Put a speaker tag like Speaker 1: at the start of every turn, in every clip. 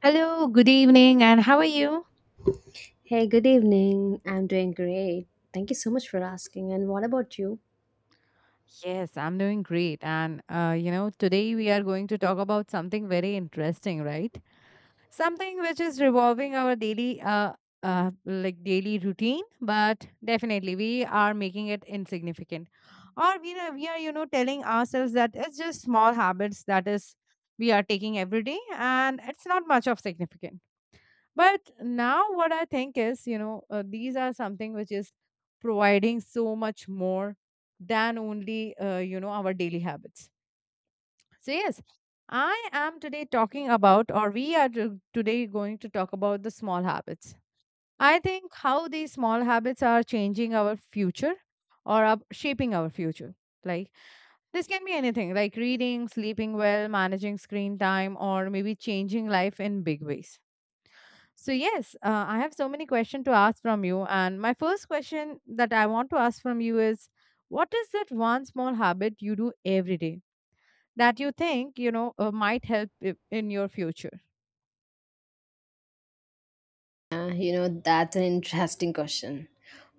Speaker 1: Hello, good evening, and how are you?
Speaker 2: Hey, good evening. I'm doing great. Thank you so much for asking. And what about you?
Speaker 1: Yes, I'm doing great. And today we are going to talk about something very interesting, right? Something which is revolving our like daily routine, but definitely we are making it insignificant. Or we are telling ourselves that it's just small habits that is we are taking every day and it's not much of significant. But now, what I think is, these are something which is providing so much more than only, our daily habits. So, yes, I am today talking about, or today going to talk about the small habits. I think how these small habits are changing our future or up shaping our future. Like, this can be anything like reading, sleeping well, managing screen time, or maybe changing life in big ways. So yes, I have so many questions to ask from you, and my first question that I want to ask from you is, what is that one small habit you do every day that you think might help in your future?
Speaker 2: That's an interesting question.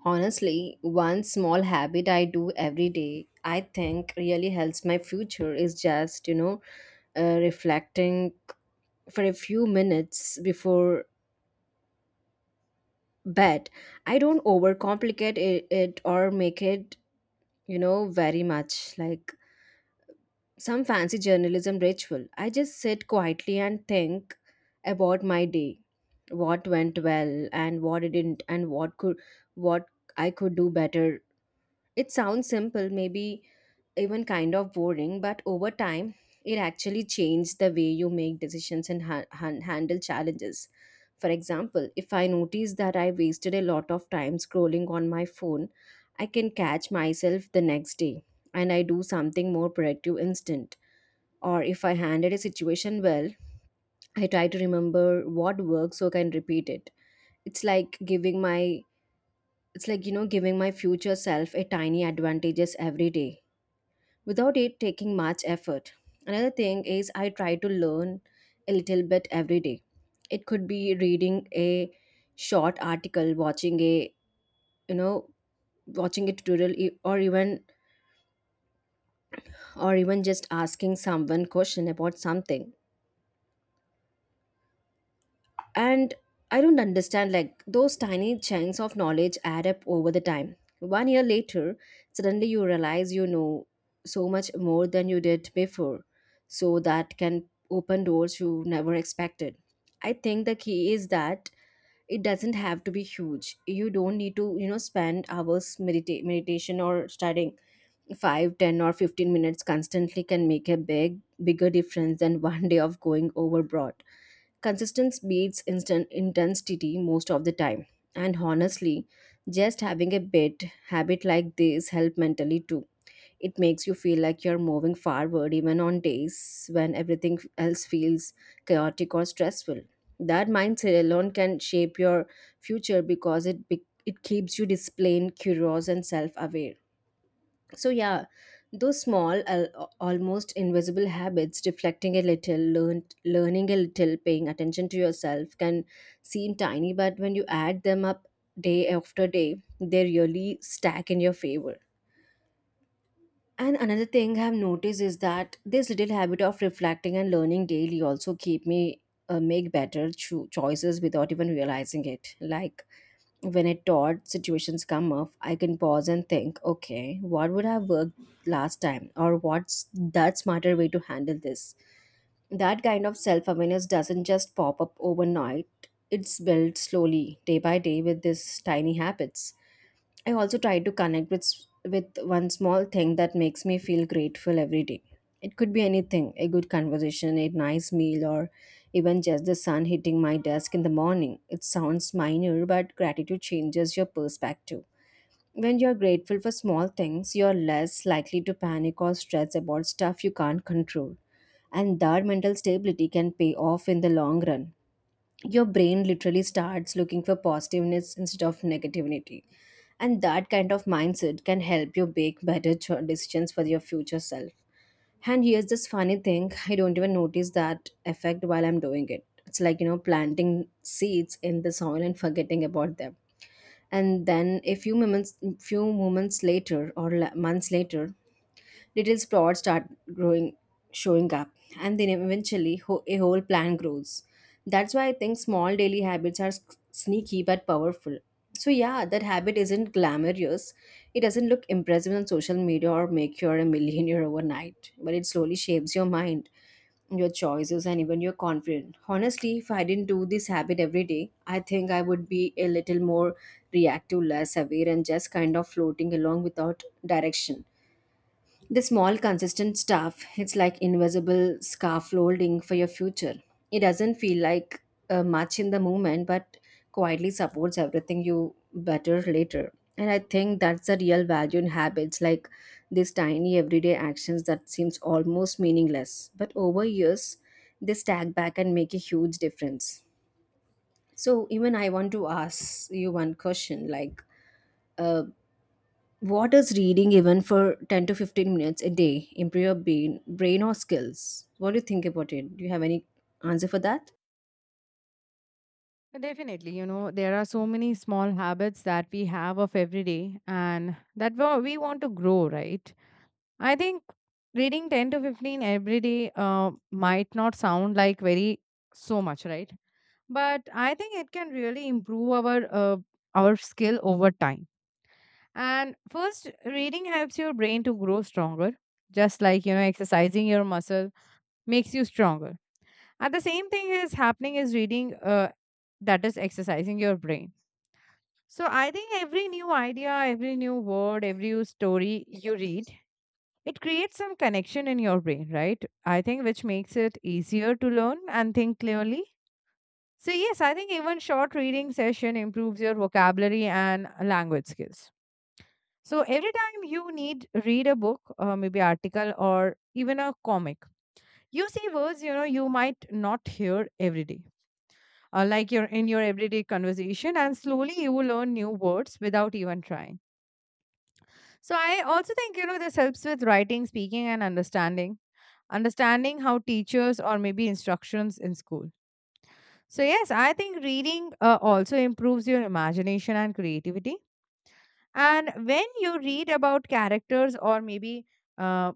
Speaker 2: Honestly, one small habit I do every day, I think really helps my future is just, reflecting for a few minutes before bed. I don't overcomplicate it or make it, you know, very much. Like, some fancy journalism ritual. I just sit quietly and think about my day, what went well and what didn't, and what I could do better. It sounds simple, maybe even kind of boring, but over time, it actually changed the way you make decisions and handle challenges. For example, if I notice that I wasted a lot of time scrolling on my phone, I can catch myself the next day and I do something more productive instant, or if I handled a situation well, I try to remember what worked so I can repeat it. It's like giving my it's like, you know, giving my future self a tiny advantages every day without it taking much effort. Another thing is I try to learn a little bit every day. It could be reading a short article, watching a you know watching a tutorial or even just asking someone question about something. And I don't understand, like, those tiny chunks of knowledge add up over the time. One year later, suddenly you realize you know so much more than you did before. So that can open doors you never expected. I think the key is that it doesn't have to be huge. You don't need to, you know, spend hours meditation or studying. Five, ten, or 15 minutes constantly can make a bigger difference than one day of going overboard. Consistency beats instant intensity most of the time. And honestly, just having a bit habit like this help mentally too. It makes you feel like you're moving forward even on days when everything else feels chaotic or stressful. That mindset alone can shape your future because it keeps you disciplined, curious, and self-aware. So, yeah, those small, almost invisible habits, reflecting a little, learning a little, paying attention to yourself can seem tiny, but when you add them up day after day, they really stack in your favor. And another thing I've noticed is that this little habit of reflecting and learning daily also keep me, make better choices without even realizing it. Like when it taught situations come up, I can pause and think, okay, what would have worked last time? Or what's that smarter way to handle this? That kind of self awareness doesn't just pop up overnight, it's built slowly, day by day, with these tiny habits. I also try to connect with one small thing that makes me feel grateful every day. It could be anything, a good conversation, a nice meal, or even just the sun hitting my desk in the morning. It sounds minor, but gratitude changes your perspective. When you're grateful for small things, you're less likely to panic or stress about stuff you can't control. And that mental stability can pay off in the long run. Your brain literally starts looking for positiveness instead of negativity. And that kind of mindset can help you make better decisions for your future self. And here's this funny thing, I don't even notice that effect while I'm doing it. It's like, you know, planting seeds in the soil and forgetting about them. And then few moments later or months later, little sprouts start growing, showing up, and then eventually a whole plant grows. That's why I think small daily habits are sneaky but powerful. So, yeah, that habit isn't glamorous. It doesn't look impressive on social media or make you a millionaire overnight, but it slowly shapes your mind, your choices, and even your confidence. Honestly, if I didn't do this habit every day, I think I would be a little more reactive, less aware, and just kind of floating along without direction. The small, consistent stuff, it's like invisible scaffolding for your future. It doesn't feel like much in the moment, but quietly supports everything you better later. And I think that's the real value in habits, like these tiny everyday actions that seems almost meaningless, but over years they stack back and make a huge difference. So even I want to ask you one question, like uh, what is reading even for 10 to 15 minutes a day improve your brain or skills? What do you think about it? Do you have any answer for that?
Speaker 1: Definitely, you know, there are so many small habits that we have of every day, and that we want to grow, right? I think reading 10 to 15 every day might not sound like very so much, right? But I think it can really improve our skill over time. And first, reading helps your brain to grow stronger, just like, you know, exercising your muscle makes you stronger. And the same thing is happening is reading, that is exercising your brain. So I think every new idea, every new word, every new story you read, it creates some connection in your brain, right? I think which makes it easier to learn and think clearly. So, yes, I think even short reading session improves your vocabulary and language skills. So, every time you need read a book, maybe article or even a comic, you see words you know you might not hear every day, like you're in your everyday conversation, and slowly you will learn new words without even trying. So, I also think, you know, this helps with writing, speaking, and understanding. Understanding how teachers or maybe instructions in school. So, yes, I think reading also improves your imagination and creativity. And when you read about characters or maybe uh,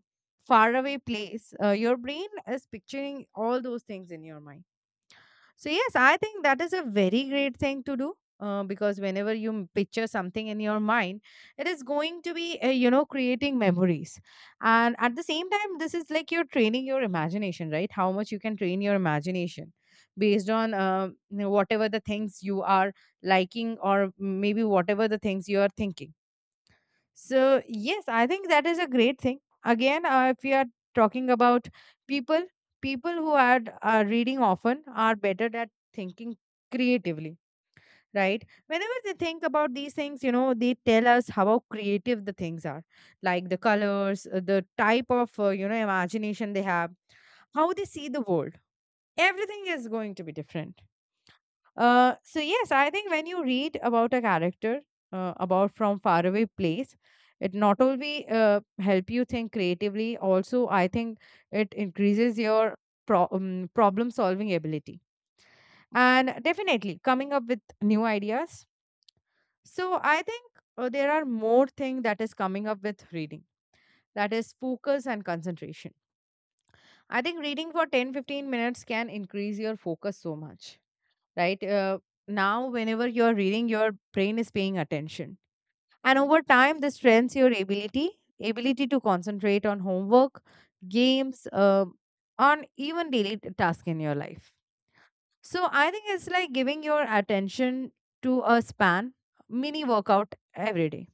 Speaker 1: faraway place, your brain is picturing all those things in your mind. So, yes, I think that is a very great thing to do. Because whenever you picture something in your mind, it is going to be, creating memories. And at the same time, this is like you're training your imagination, right? How much you can train your imagination based on whatever the things you are liking or maybe whatever the things you are thinking. So, yes, I think that is a great thing. Again, if we are talking about people, people who are reading often are better at thinking creatively, right? Whenever they think about these things, you know, they tell us how creative the things are, like the colors, the type of, imagination they have, how they see the world. Everything is going to be different. So yes, I think when you read about a character about from faraway place, it not only help you think creatively, also I think it increases your problem solving ability and definitely coming up with new ideas. So I think there are more thing that is coming up with reading, that is focus and concentration. I think reading for 10 15 minutes can increase your focus so much, right? Now, whenever you're reading, your brain is paying attention. And over time, this strengthens your ability to concentrate on homework, games, on even daily task in your life. So I think it's like giving your attention to a span mini workout every day.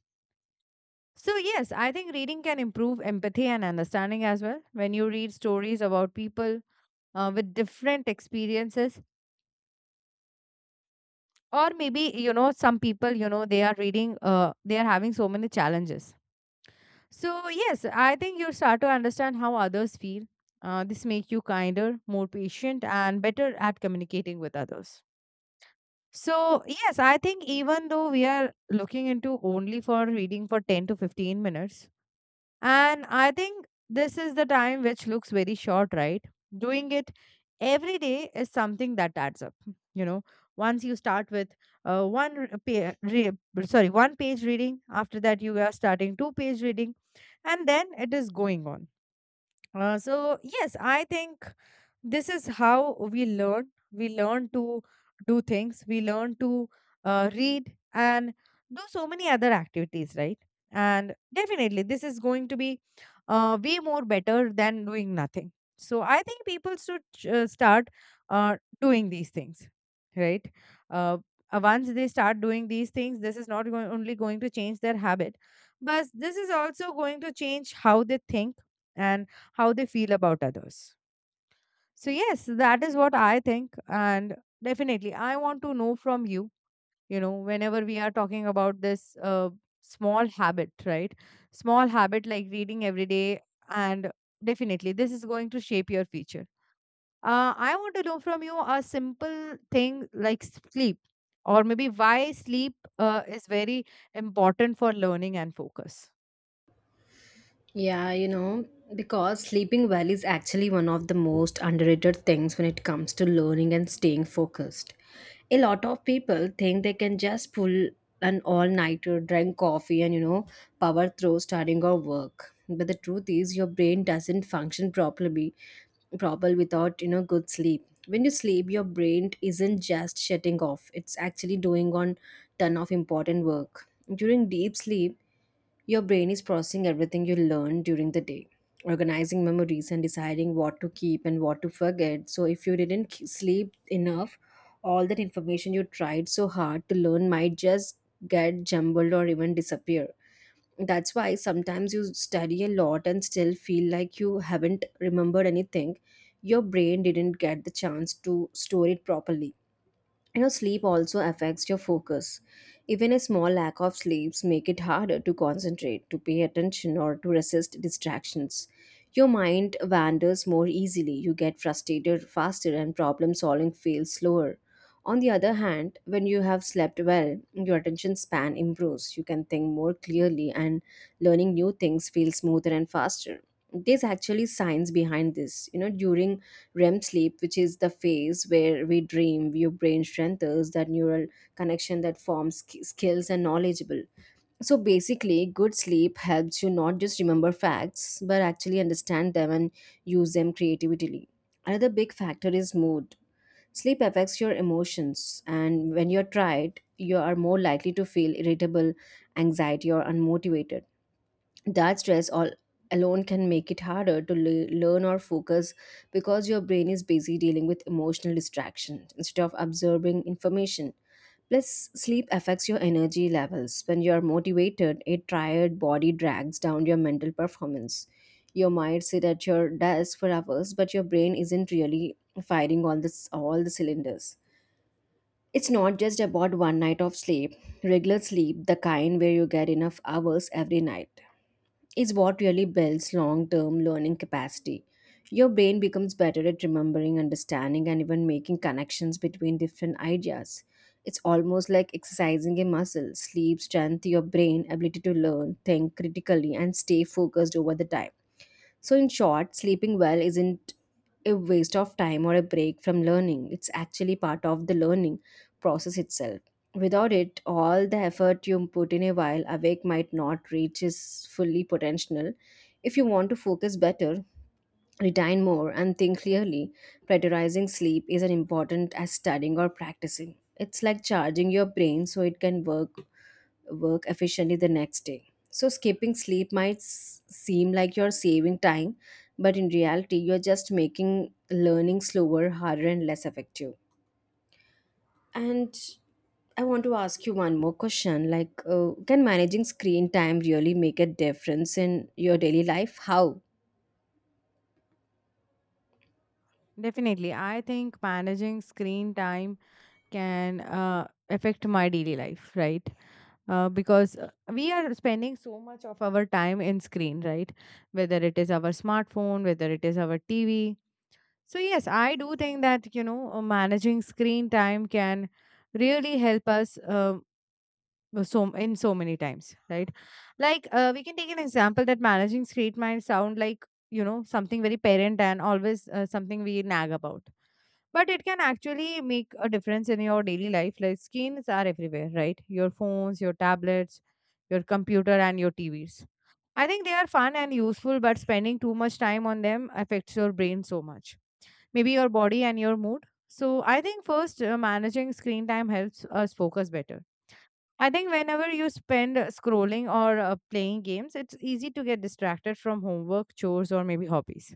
Speaker 1: So, yes, I think reading can improve empathy and understanding as well. When you read stories about people, with different experiences, or maybe, you know, some people, you know, they are reading, they are having so many challenges. So yes, I think you start to understand how others feel. This make you kinder, more patient, and better at communicating with others. So yes, I think even though we are looking into only for reading for 10 to 15 minutes. And I think this is the time which looks very short, right? Doing it every day is something that adds up. You know, once you start with one re- pa- re- sorry, one page reading, after that you are starting two-page reading, and then it is going on. So yes, I think this is how we learn to do things, we learn to read and do so many other activities, right? And definitely this is going to be way more better than doing nothing. So I think people should start doing these things, right. uh, Once they start doing these things, this is not going, only going to change their habit, but this is also going to change how they think and how they feel about others. So, yes, that is what I think. And definitely, I want to know from you, you know, whenever we are talking about this small habit, right? Small habit like reading every day. And definitely, this is going to shape your future. I want to know from you a simple thing like sleep, or maybe why sleep is very important for learning and focus.
Speaker 2: Yeah, you know, because sleeping well is actually one of the most underrated things when it comes to learning and staying focused. A lot of people think they can just pull an all nighter, drink coffee, and you know, power through studying or work. But the truth is, your brain doesn't function properly trouble without, you know, good sleep. When you sleep your brain isn't just shutting off, it's actually doing on ton of important work during deep sleep. Your brain is processing everything you learned during the day, organizing memories and deciding what to keep and what to forget. So if you didn't sleep enough, all that information you tried so hard to learn might just get jumbled or even disappear. That's why sometimes you study a lot and still feel like you haven't remembered anything. Your brain didn't get the chance to store it properly. You know, sleep also affects your focus. Even a small lack of sleeps make it harder to concentrate, to pay attention, or to resist distractions. Your mind wanders more easily, you get frustrated faster, and problem solving feels slower. On the other hand, when you have slept well, your attention span improves, you can think more clearly, and learning new things feels smoother and faster. There's actually science behind this, you know, during REM sleep, which is the phase where we dream, your brain strengthens that neural connection that forms skills and knowledgeable. So basically, good sleep helps you not just remember facts, but actually understand them and use them creatively. Another big factor is mood. Sleep affects your emotions, and when you're tired, you are more likely to feel irritable, anxiety, or unmotivated. That stress all alone can make it harder to learn or focus, because your brain is busy dealing with emotional distractions instead of absorbing information. Plus, sleep affects your energy levels. When you are motivated, a tired body drags down your mental performance. You might sit at your desk for hours but your brain isn't really firing all the cylinders. It's not just about one night of sleep. Regular sleep, the kind where you get enough hours every night, is what really builds long term learning capacity. Your brain becomes better at remembering, understanding, and even making connections between different ideas. It's almost like exercising a muscle. Sleep, strength, your brain, ability to learn, think critically, and stay focused over the time. So, in short, sleeping well isn't a waste of time or a break from learning. It's actually part of the learning process itself. Without it, all the effort you put in a while awake might not reach its fully potential. If you want to focus better, retain more, and think clearly, prioritizing sleep is as important as studying or practicing. It's like charging your brain so it can work efficiently the next day. So, skipping sleep might seem like you're saving time, but in reality, you're just making learning slower, harder, and less effective. And I want to ask you one more question like, can managing screen time really make a difference in your daily life? How?
Speaker 1: Definitely, I think managing screen time can affect my daily life, right? Because we are spending so much of our time in screen, right? Whether it is our smartphone, whether it is our TV. So yes, I do think that, you know, managing screen time can really help us, so in so many times, right? Like, we can take an example that managing screen might sound like, you know, something very parent and always, something we nag about, but it can actually make a difference in your daily life. Like screens are everywhere, right? Your phones, your tablets, your computer, and your TVs. I think they are fun and useful, but spending too much time on them affects your brain so much, maybe your body and your mood. So I think first, managing screen time helps us focus better. I think whenever you spend scrolling or playing games, it's easy to get distracted from homework, chores, or maybe hobbies.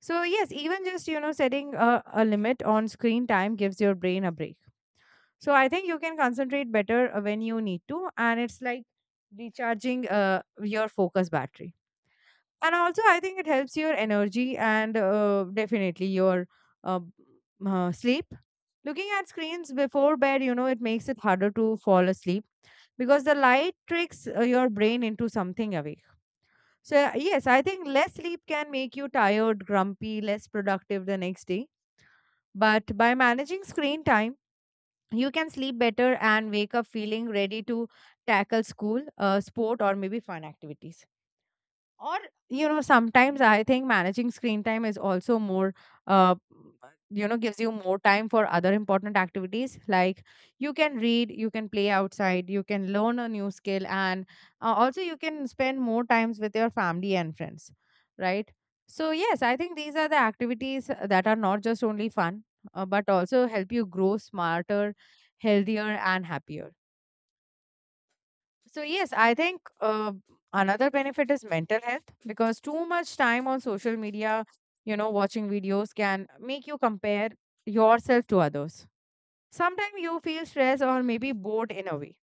Speaker 1: So, yes, even just, you know, setting a limit on screen time gives your brain a break. So, I think you can concentrate better when you need to. And it's like recharging your focus battery. And also, I think it helps your energy and, definitely your uh, sleep. Looking at screens before bed, you know, it makes it harder to fall asleep because the light tricks your brain into something awake. So, yes, I think less sleep can make you tired, grumpy, less productive the next day. But by managing screen time, you can sleep better and wake up feeling ready to tackle school, sport, or maybe fun activities. Or, you know, sometimes I think managing screen time is also more, uh, gives you more time for other important activities. Like you can read, you can play outside, you can learn a new skill, and, also you can spend more times with your family and friends, right? So yes, I think these are the activities that are not just only fun, but also help you grow smarter, healthier, and happier. So, yes, I think, another benefit is mental health, because too much time on social media, you know, watching videos can make you compare yourself to others. Sometimes you feel stressed or maybe bored in a way,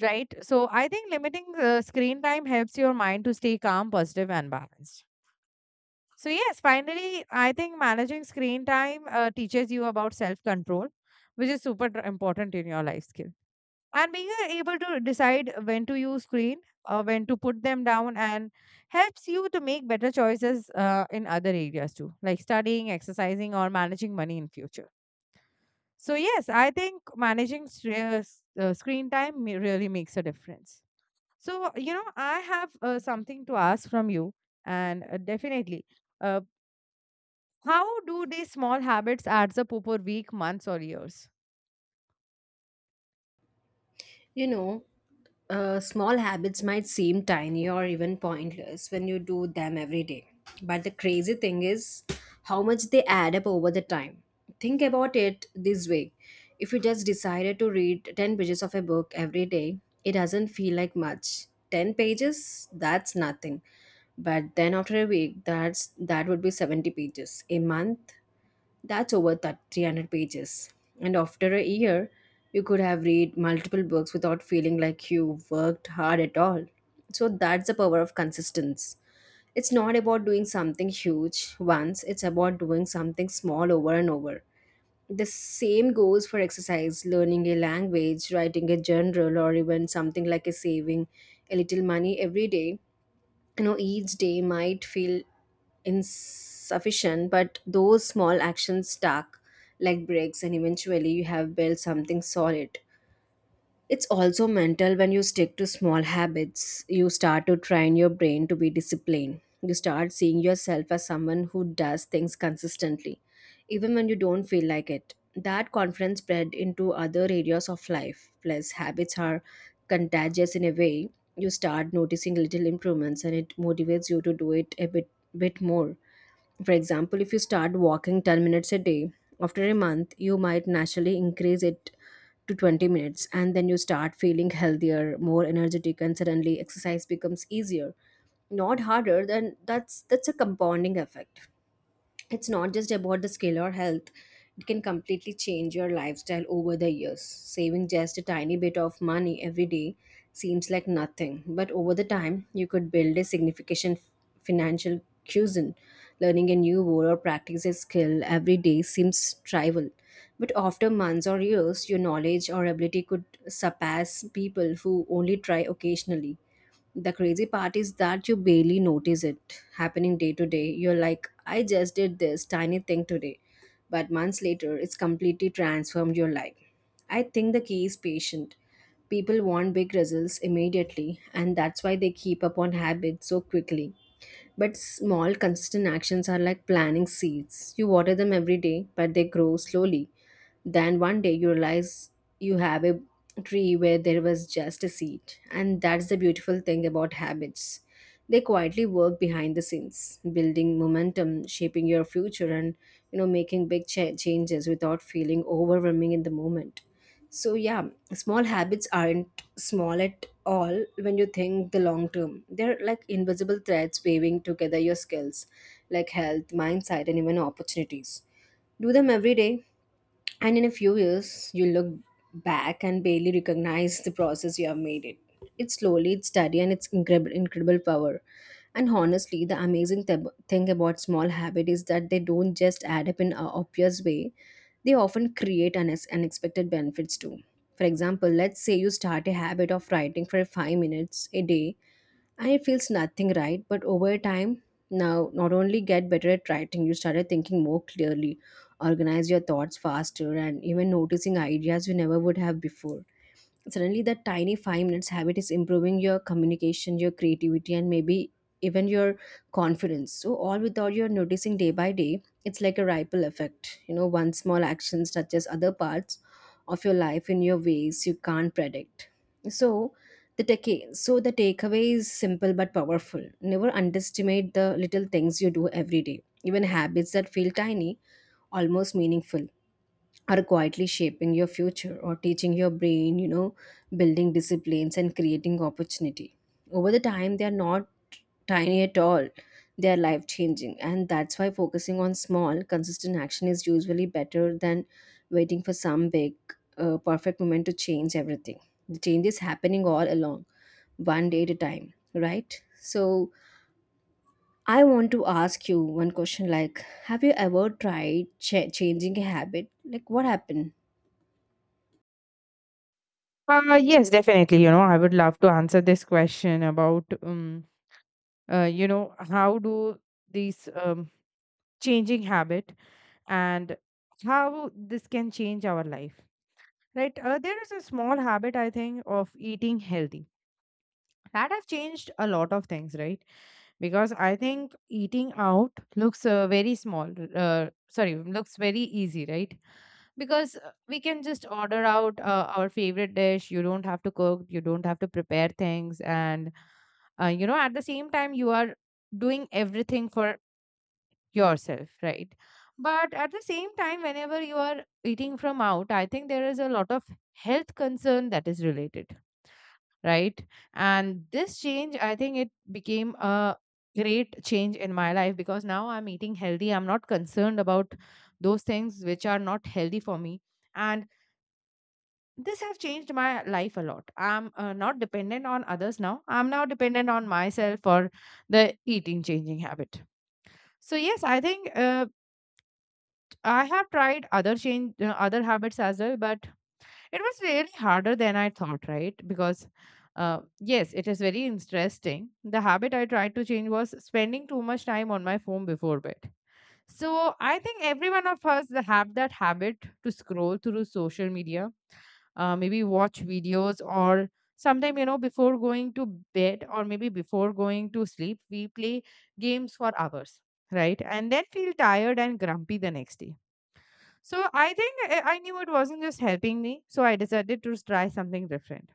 Speaker 1: right? So, I think limiting the screen time helps your mind to stay calm, positive, and balanced. So, yes, finally, I think managing screen time teaches you about self control, which is super important in your life skill. And being able to decide when to use screen or when to put them down and helps you to make better choices in other areas too, like studying, exercising, or managing money in future. So yes, I think managing screen time really makes a difference. So you know, I have something to ask from you, and definitely, uh, how do these small habits adds up over week, months, or years?
Speaker 2: You know, small habits might seem tiny or even pointless when you do them every day. But the crazy thing is how much they add up over the time. Think about it this way, if you just decided to read 10 pages of a book every day, it doesn't feel like much. 10 pages, that's nothing. But then after a week, that would be 70 pages. A month, that's over that 300 pages. And after a year, you could have read multiple books without feeling like you worked hard at all. So that's the power of consistency. It's not about doing something huge once, it's about doing something small over and over. The same goes for exercise, learning a language, writing a journal, or even something like a saving a little money every day. You know, each day might feel insufficient, but those small actions stack like bricks and eventually you have built something solid. It's also mental. When you stick to small habits, you start to train your brain to be disciplined. You start seeing yourself as someone who does things consistently, even when you don't feel like it. That confidence spread into other areas of life. Plus, habits are contagious in a way. You start noticing little improvements and it motivates you to do it a bit more. For example, if you start walking 10 minutes a day, after a month, you might naturally increase it to 20 minutes, and then you start feeling healthier, more energetic, and suddenly exercise becomes easier, not harder. Then that's a compounding effect. It's not just about the skill or health; it can completely change your lifestyle over the years. Saving just a tiny bit of money every day seems like nothing, but over the time you could build a significant financial cushion. Learning a new word or practice a skill every day seems trivial, but after months or years your knowledge or ability could surpass people who only try occasionally. The crazy part is that you barely notice it happening day to day. You're like, I just did this tiny thing today. But months later, it's completely transformed your life. I think the key is patient. People want big results immediately, and that's why they keep up on habits so quickly. But small, consistent actions are like planting seeds. You water them every day, but they grow slowly. Then one day you realize you have a tree where there was just a seed. And that's the beautiful thing about habits. They quietly work behind the scenes, building momentum, shaping your future, and you know making big changes without feeling overwhelming in the moment. So yeah, small habits aren't small at all when you think the long term. They're like invisible threads weaving together your skills, like health, mindset, and even opportunities. Do them every day, and in a few years, you look back and barely recognize the process you have made it. It's slowly, it's steady, and it's incredible, incredible power. And honestly, the amazing thing about small habit is that they don't just add up in an obvious way. They often create unexpected benefits too. For example, let's say you start a habit of writing for 5 minutes a day, and it feels nothing, right, but over time, now not only get better at writing, you started thinking more clearly, organize your thoughts faster, and even noticing ideas you never would have before. Suddenly that tiny 5 minutes habit is improving your communication, your creativity, and maybe even your confidence, so all without your noticing day by day. It's like a ripple effect, you know, one small action touches other parts of your life in your ways you can't predict. So the take so the takeaway is simple but powerful. Never underestimate the little things you do every day. Even habits that feel tiny, almost meaningful, are quietly shaping your future or teaching your brain, building disciplines and creating opportunity. Over the time, they are not tiny at all. They are life changing. And that's why focusing on small, consistent action is usually better than waiting for some big, perfect moment to change everything. The change is happening all along, one day at a time, right? So, I want to ask you one question like, have you ever tried changing a habit? Like, what happened?
Speaker 1: Yes, definitely. You know, I would love to answer this question about, how do these changing habit and how this can change our life, right? There is a small habit, I think, of eating healthy that have changed a lot of things, right? Because I think eating out looks very small. Sorry, looks very easy, right? Because we can just order out our favorite dish. You don't have to cook. You don't have to prepare things, and you know, at the same time, you are doing everything for yourself, right? But at the same time, whenever you are eating from out, I think there is a lot of health concern that is related, right. And this change, I think it became a great change in my life because now I'm eating healthy, I'm not concerned about those things which are not healthy for me. And this have changed my life a lot. I'm not dependent on others now. I'm now dependent on myself for the eating changing habit. So yes, I think I have tried other habits as well, but it was really harder than I thought, right? Because, yes, it is very interesting. The habit I tried to change was spending too much time on my phone before bed. So I think every one of us that have that habit to scroll through social media, maybe watch videos, or sometime, you know, before going to bed or maybe before going to sleep, we play games for hours, right? And then feel tired and grumpy the next day. So I think I knew it wasn't just helping me, so I decided to try something different.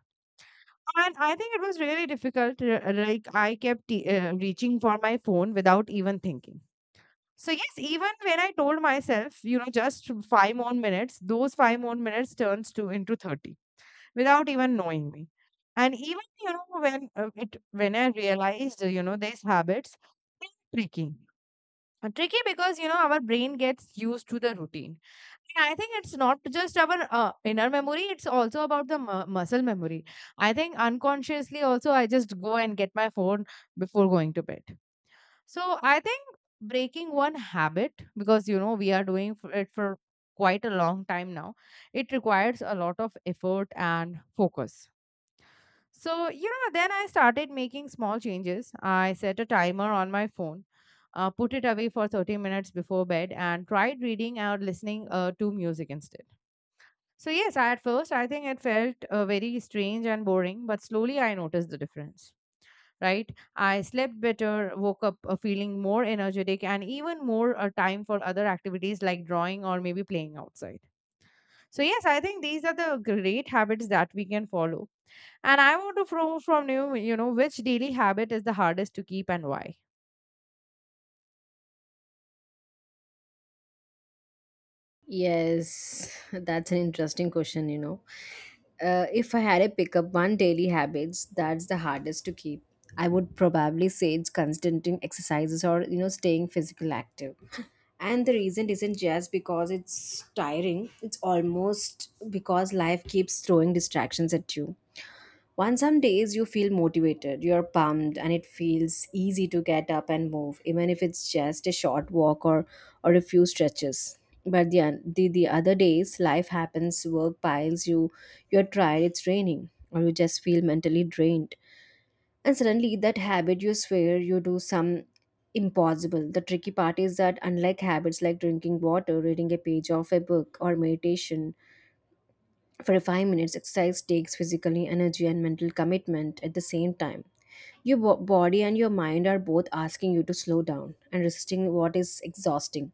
Speaker 1: And I think it was really difficult. Like I kept reaching for my phone without even thinking. So yes, even when I told myself, you know, just five more minutes, those five more minutes turns to into 30 without even knowing me. And even, you know, when it when I realized, you know, these habits, they're tricky. Tricky because, you know, our brain gets used to the routine. And I think it's not just our inner memory, it's also about the muscle memory. I think unconsciously also I just go and get my phone before going to bed. So I think breaking one habit, because you know we are doing it for quite a long time now, it requires a lot of effort and focus. So, you know, then I started making small changes. I set a timer on my phone, put it away for 30 minutes before bed, and tried reading or listening to music instead. So, yes, I- at first I think it felt very strange and boring, but slowly I noticed the difference. Right? I slept better, woke up feeling more energetic, and even more time for other activities like drawing or maybe playing outside. So, yes, I think these are the great habits that we can follow. And I want to know from you, you know, which daily habit is the hardest to keep and why?
Speaker 2: Yes, that's an interesting question, you know. If I had to pick up one daily habits, that's the hardest to keep. I would probably say it's constant exercises, or you know staying physical active. And the reason isn't just because it's tiring, it's almost because life keeps throwing distractions at you. On some days, you feel motivated, you're pumped, and it feels easy to get up and move, even if it's just a short walk, or a few stretches. But the other days, life happens, work piles you, you're tired, it's raining, or you just feel mentally drained. And suddenly, that habit you swear you do some impossible. The tricky part is that, unlike habits like drinking water, reading a page of a book, or meditation, for 5 minutes, exercise takes physical energy and mental commitment at the same time. Your body and your mind are both asking you to slow down and resisting what is exhausting.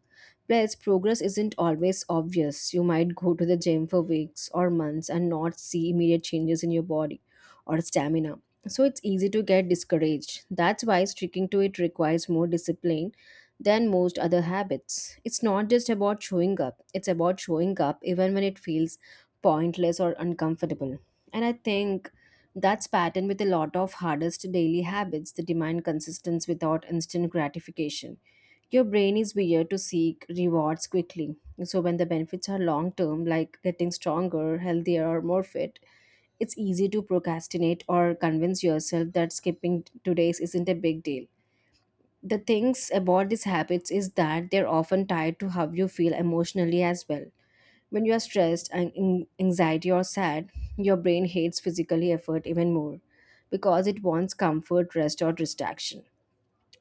Speaker 2: Plus, progress isn't always obvious. You might go to the gym for weeks or months and not see immediate changes in your body or stamina. So, it's easy to get discouraged. That's why sticking to it requires more discipline than most other habits. It's not just about showing up, it's about showing up even when it feels pointless or uncomfortable. And I think that's pattern with a lot of hardest daily habits that demand consistency without instant gratification. Your brain is wired to seek rewards quickly. So when the benefits are long term, like getting stronger, healthier, or more fit, it's easy to procrastinate or convince yourself that skipping today's isn't a big deal. The things about these habits is that they're often tied to how you feel emotionally as well. When you are stressed and in anxiety or sad, your brain hates physical effort even more because it wants comfort, rest, or distraction.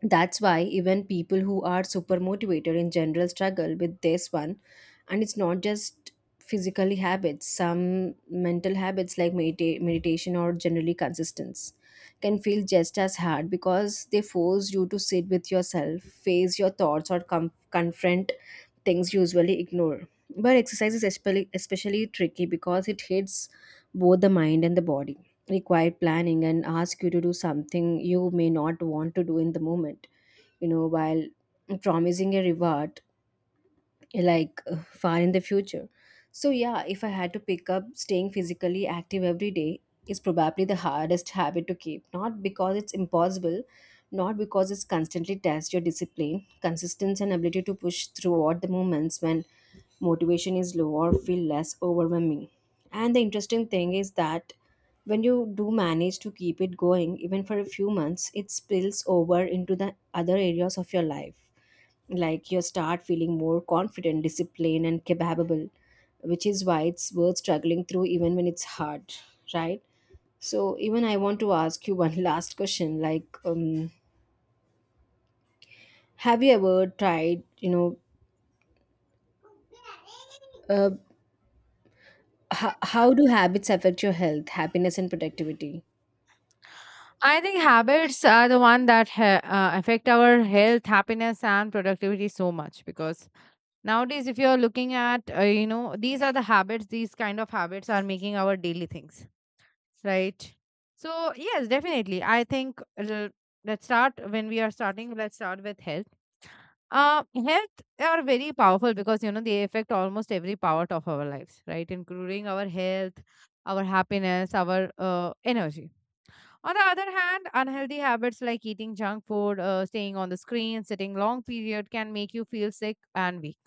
Speaker 2: That's why even people who are super motivated in general struggle with this one. And it's not just physically habits. Some mental habits like meditation or generally consistency can feel just as hard because they force you to sit with yourself, face your thoughts, or confront things you usually ignore. But exercise is especially, especially tricky because it hits both the mind and the body, require planning, and ask you to do something you may not want to do in the moment, you know, while promising a reward, like far in the future. So yeah, if I had to pick up staying physically active every day is probably the hardest habit to keep, not because it's impossible, not because it's constantly tests your discipline, consistency, and ability to push throughout the moments when motivation is low or feel less overwhelming. And the interesting thing is that when you do manage to keep it going, even for a few months, it spills over into the other areas of your life. Like you start feeling more confident, disciplined, and capable, which is why it's worth struggling through even when it's hard, right? So, even I want to ask you one last question like, have you ever tried, you know, uh, how do habits affect your health, happiness, and productivity?
Speaker 1: I think habits are the one that affect our health, happiness, and productivity so much because nowadays, if you're looking at, you know, these are the habits, these kind of habits are making our daily things, right? So, yes, definitely. I think let's start with health. Health are very powerful because you know they affect almost every part of our lives, right? Including our health, our happiness, our energy. On the other hand, unhealthy habits like eating junk food, staying on the screen, sitting long period can make you feel sick and weak.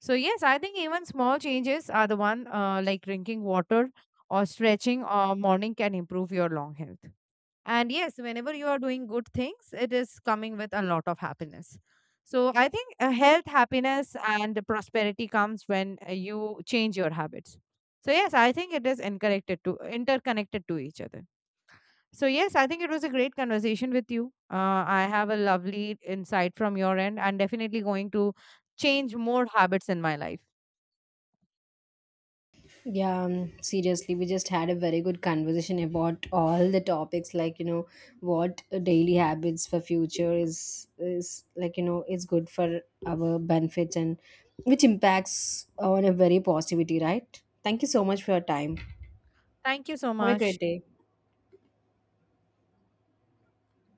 Speaker 1: So yes, I think even small changes are the one, like drinking water or stretching or morning, can improve your long health. And yes, whenever you are doing good things, it is coming with a lot of happiness. So I think health, happiness, and prosperity comes when you change your habits. So yes, I think it is interconnected to each other. So, yes, I think it was a great conversation with you. I have a lovely insight from your end and definitely going to change more habits in my life.
Speaker 2: Yeah, seriously, we just had a very good conversation about all the topics, like you know, what daily habits for future is like you know is good for our benefits and which impacts on a very positivity, right? Thank you so much for your time.
Speaker 1: Thank you so
Speaker 2: Have a great
Speaker 1: much.
Speaker 2: day.